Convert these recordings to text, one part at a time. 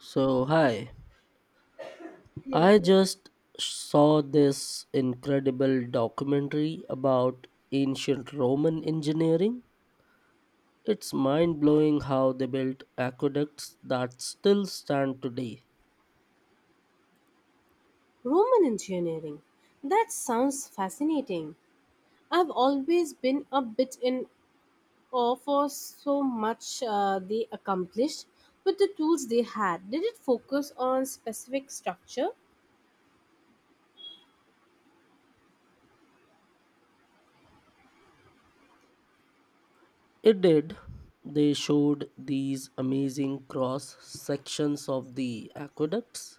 So, hi. I just saw this incredible documentary about ancient Roman engineering. It's mind blowing how they built aqueducts that still stand today. Roman engineering. That sounds fascinating. I've always been a bit in awe for so much they accomplished with the tools they had. Did it focus on specific structure? It did. They showed these amazing cross sections of the aqueducts,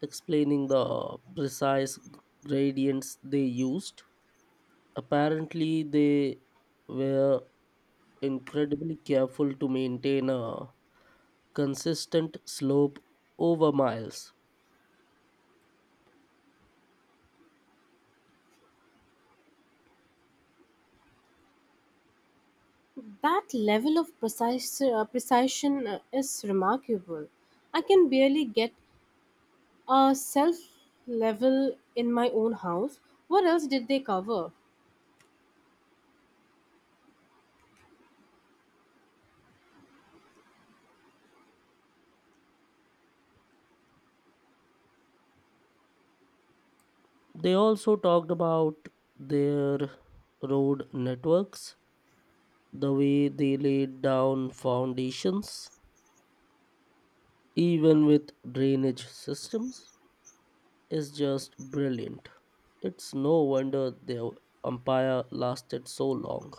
explaining the precise gradients they used. Apparently, they were incredibly careful to maintain a consistent slope over miles. That level of precision is remarkable. I can barely get a self level in my own house. What else did they cover? They also talked about their road networks, the way they laid down foundations, even with drainage systems, is just brilliant. It's no wonder their empire lasted so long.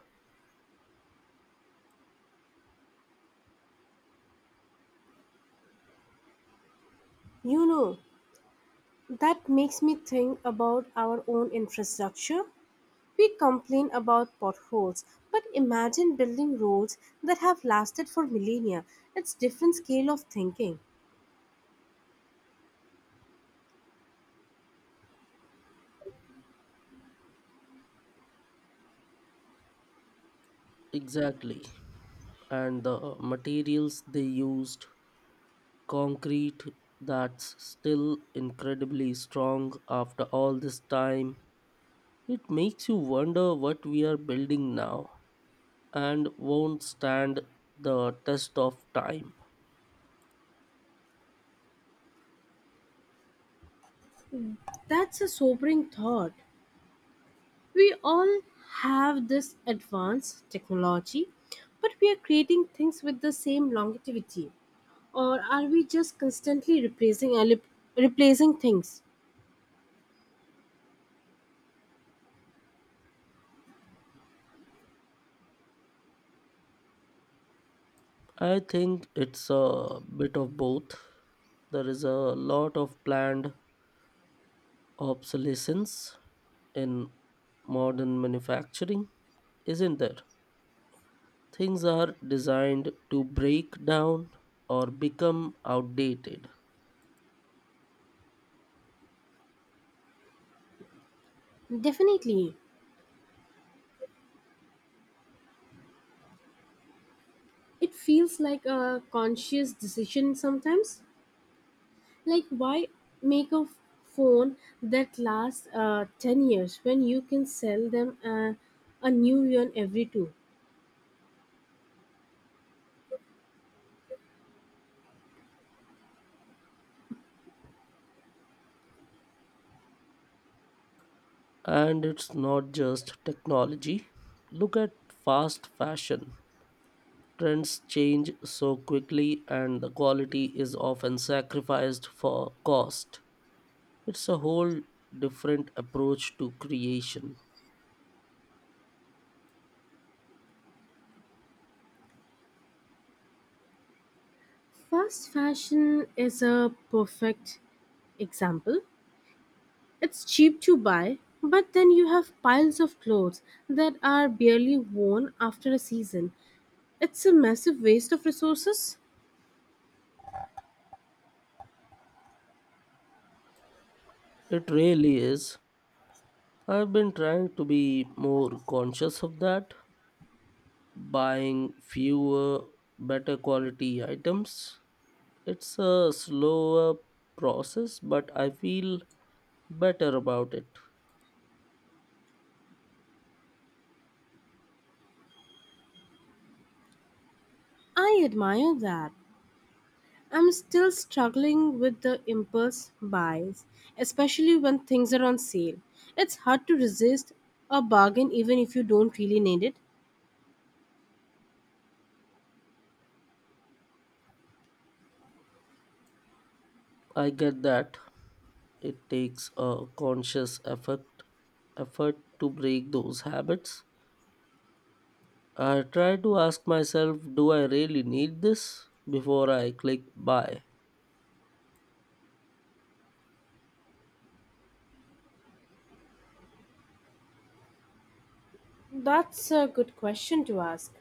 You know, that makes me think about our own infrastructure. We complain about potholes, but imagine building roads that have lasted for millennia. It's different scale of thinking. Exactly. And the materials they used concrete that's still incredibly strong after all this time. It makes you wonder what we are building now and won't stand the test of time. That's a sobering thought. We all have this advanced technology, but we are creating things with the same longevity. Or are we just constantly replacing things? I think it's a bit of both. There is a lot of planned obsolescence in modern manufacturing, isn't there? Things are designed to break down or become outdated. Definitely. It feels like a conscious decision sometimes. Like, why make a phone that lasts 10 years when you can sell them a new one every two? And it's not just technology. Look at fast fashion. Trends change so quickly, and the quality is often sacrificed for cost. It's a whole different approach to creation. Fast fashion is a perfect example. It's cheap to buy, but then you have piles of clothes that are barely worn after a season. It's a massive waste of resources. It really is. I've been trying to be more conscious of that, buying fewer, better quality items. It's a slower process, but I feel better about it. I admire that. I'm still struggling with the impulse buys, especially when things are on sale. It's hard to resist a bargain even if you don't really need it. I get that. It takes a conscious effort to break those habits. I try to ask myself, do I really need this before I click buy? That's a good question to ask.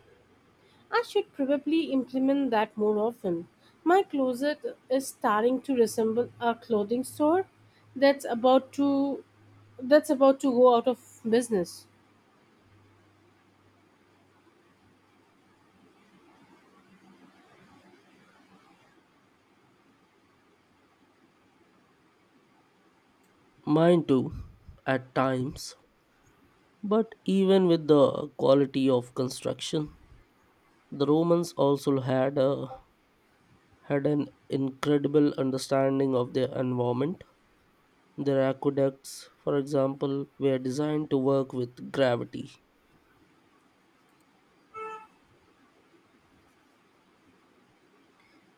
I should probably implement that more often. My closet is starting to resemble a clothing store that's about to that's about to go out of business. Mine too, at times. But even with the quality of construction, the Romans also had an incredible understanding of their environment. Their aqueducts, for example, were designed to work with gravity.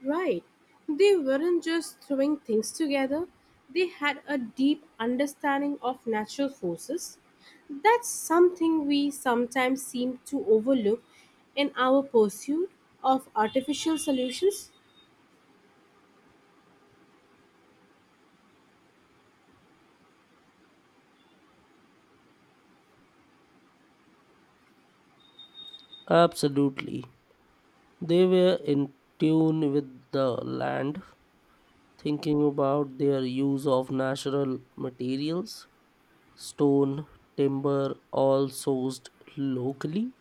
Right. They weren't just throwing things together, they had a deep understanding of natural forces. That's something we sometimes seem to overlook in our pursuit of artificial solutions. Absolutely. They were in tune with the land, thinking about their use of natural materials, stone, timber, all sourced locally.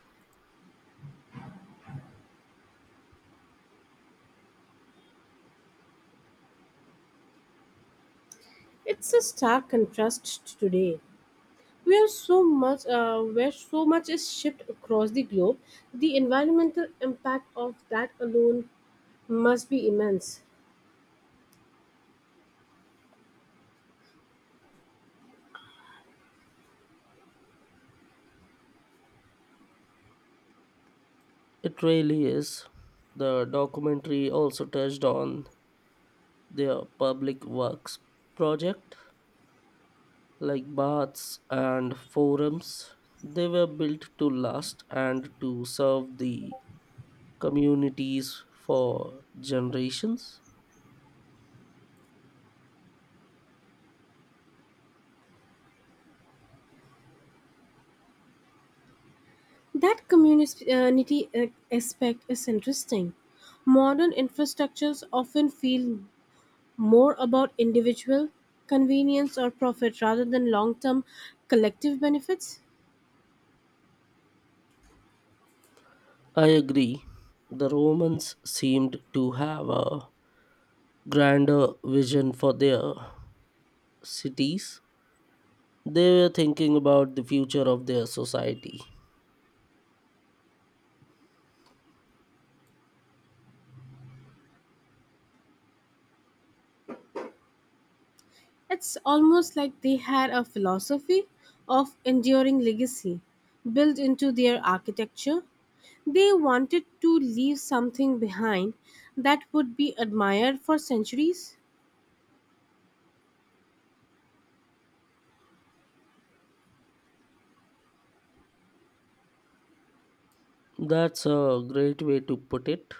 It's a stark contrast to today. Where where so much is shipped across the globe, the environmental impact of that alone must be immense. It really is. The documentary also touched on their public works project, like baths and forums. They were built to last and to serve the communities for generations. That community aspect is interesting. Modern infrastructures often feel more about individual convenience or profit rather than long term collective benefits. I agree. The Romans seemed to have a grander vision for their cities. They were thinking about the future of their society. It's almost like they had a philosophy of enduring legacy built into their architecture. They wanted to leave something behind that would be admired for centuries. That's a great way to put it.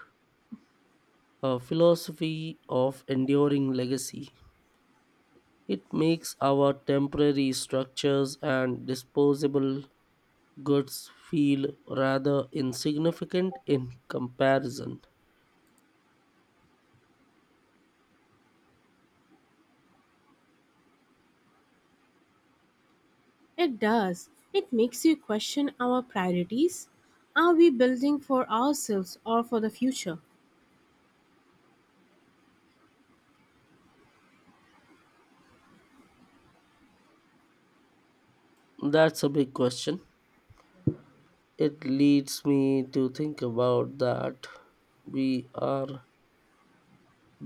A philosophy of enduring legacy. It makes our temporary structures and disposable goods feel rather insignificant in comparison. It does. It makes you question our priorities. Are we building for ourselves or for the future? That's a big question. It leads me to think about that we are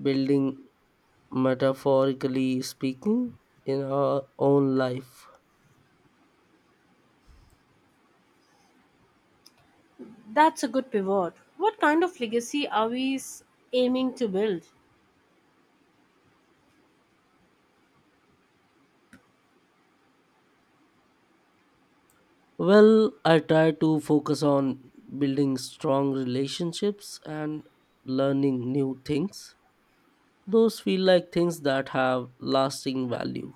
building, metaphorically speaking, in our own life. That's a good pivot. What kind of legacy are aiming to build? Well, I try to focus on building strong relationships and learning new things. Those feel like things that have lasting value.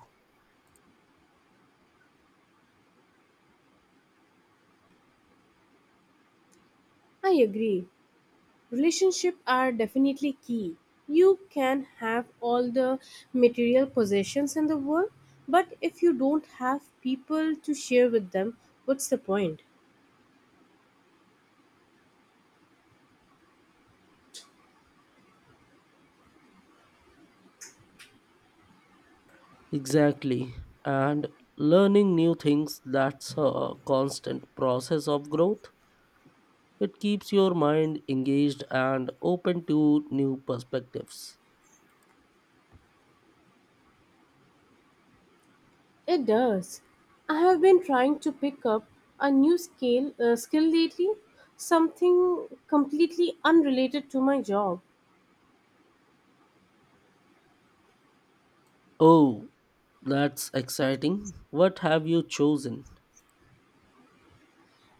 I agree. Relationships are definitely key. You can have all the material possessions in the world, but if you don't have people to share with them, what's the point? Exactly. And learning new things, that's a constant process of growth. It keeps your mind engaged and open to new perspectives. It does. I have been trying to pick up a new scale skill lately, something completely unrelated to my job. Oh, that's exciting. What have you chosen?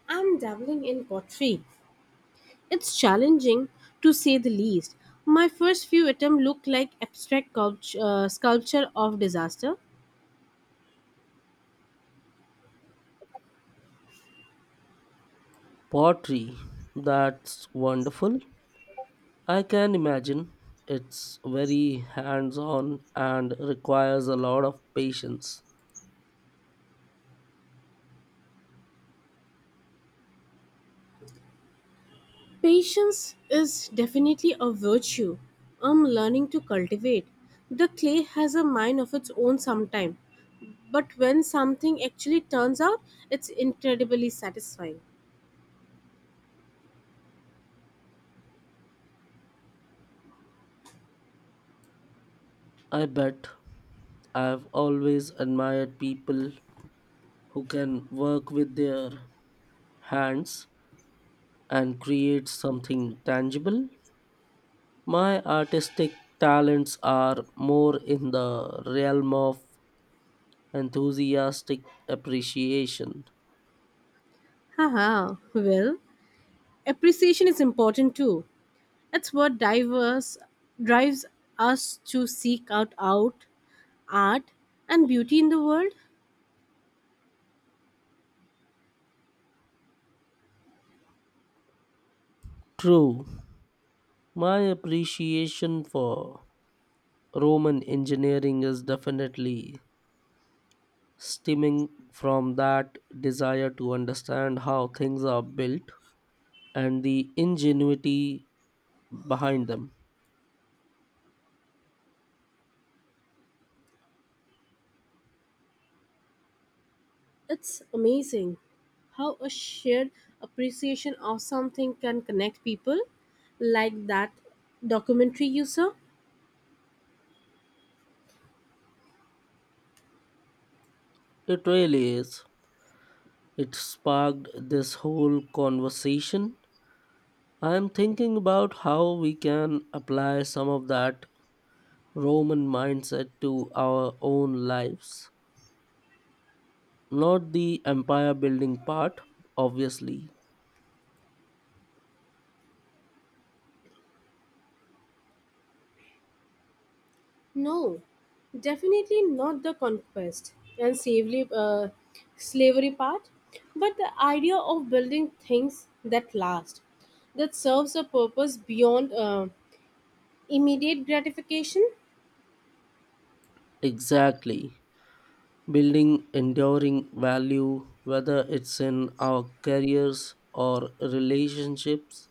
I'm dabbling in pottery. It's challenging to say the least. My first few attempts look like abstract sculpture of disaster. Pottery. That's wonderful. I can imagine. It's very hands on and requires a lot of patience. Patience is definitely a virtue I'm learning to cultivate. The clay has a mind of its own sometime. But when something actually turns out, it's incredibly satisfying. I bet. I've always admired people who can work with their hands and create something tangible. My artistic talents are more in the realm of enthusiastic appreciation. Haha, well, appreciation is important too. That's what diverse drives us to seek out art and beauty in the world. True, my appreciation for Roman engineering is definitely stemming from that desire to understand how things are built and the ingenuity behind them. It's amazing how a shared appreciation of something can connect people like that documentary you saw. It really is. It sparked this whole conversation. I'm thinking about how we can apply some of that Roman mindset to our own lives. Not the empire building part, obviously. No, definitely not the conquest and slavery part, but the idea of building things that last, that serves a purpose beyond immediate gratification. Exactly. Building enduring value, whether it's in our careers or relationships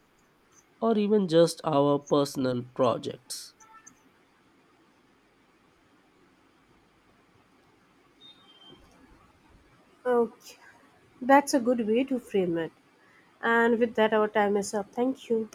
or even just our personal projects. Okay, that's a good way to frame it. And with that, our time is up. Thank you.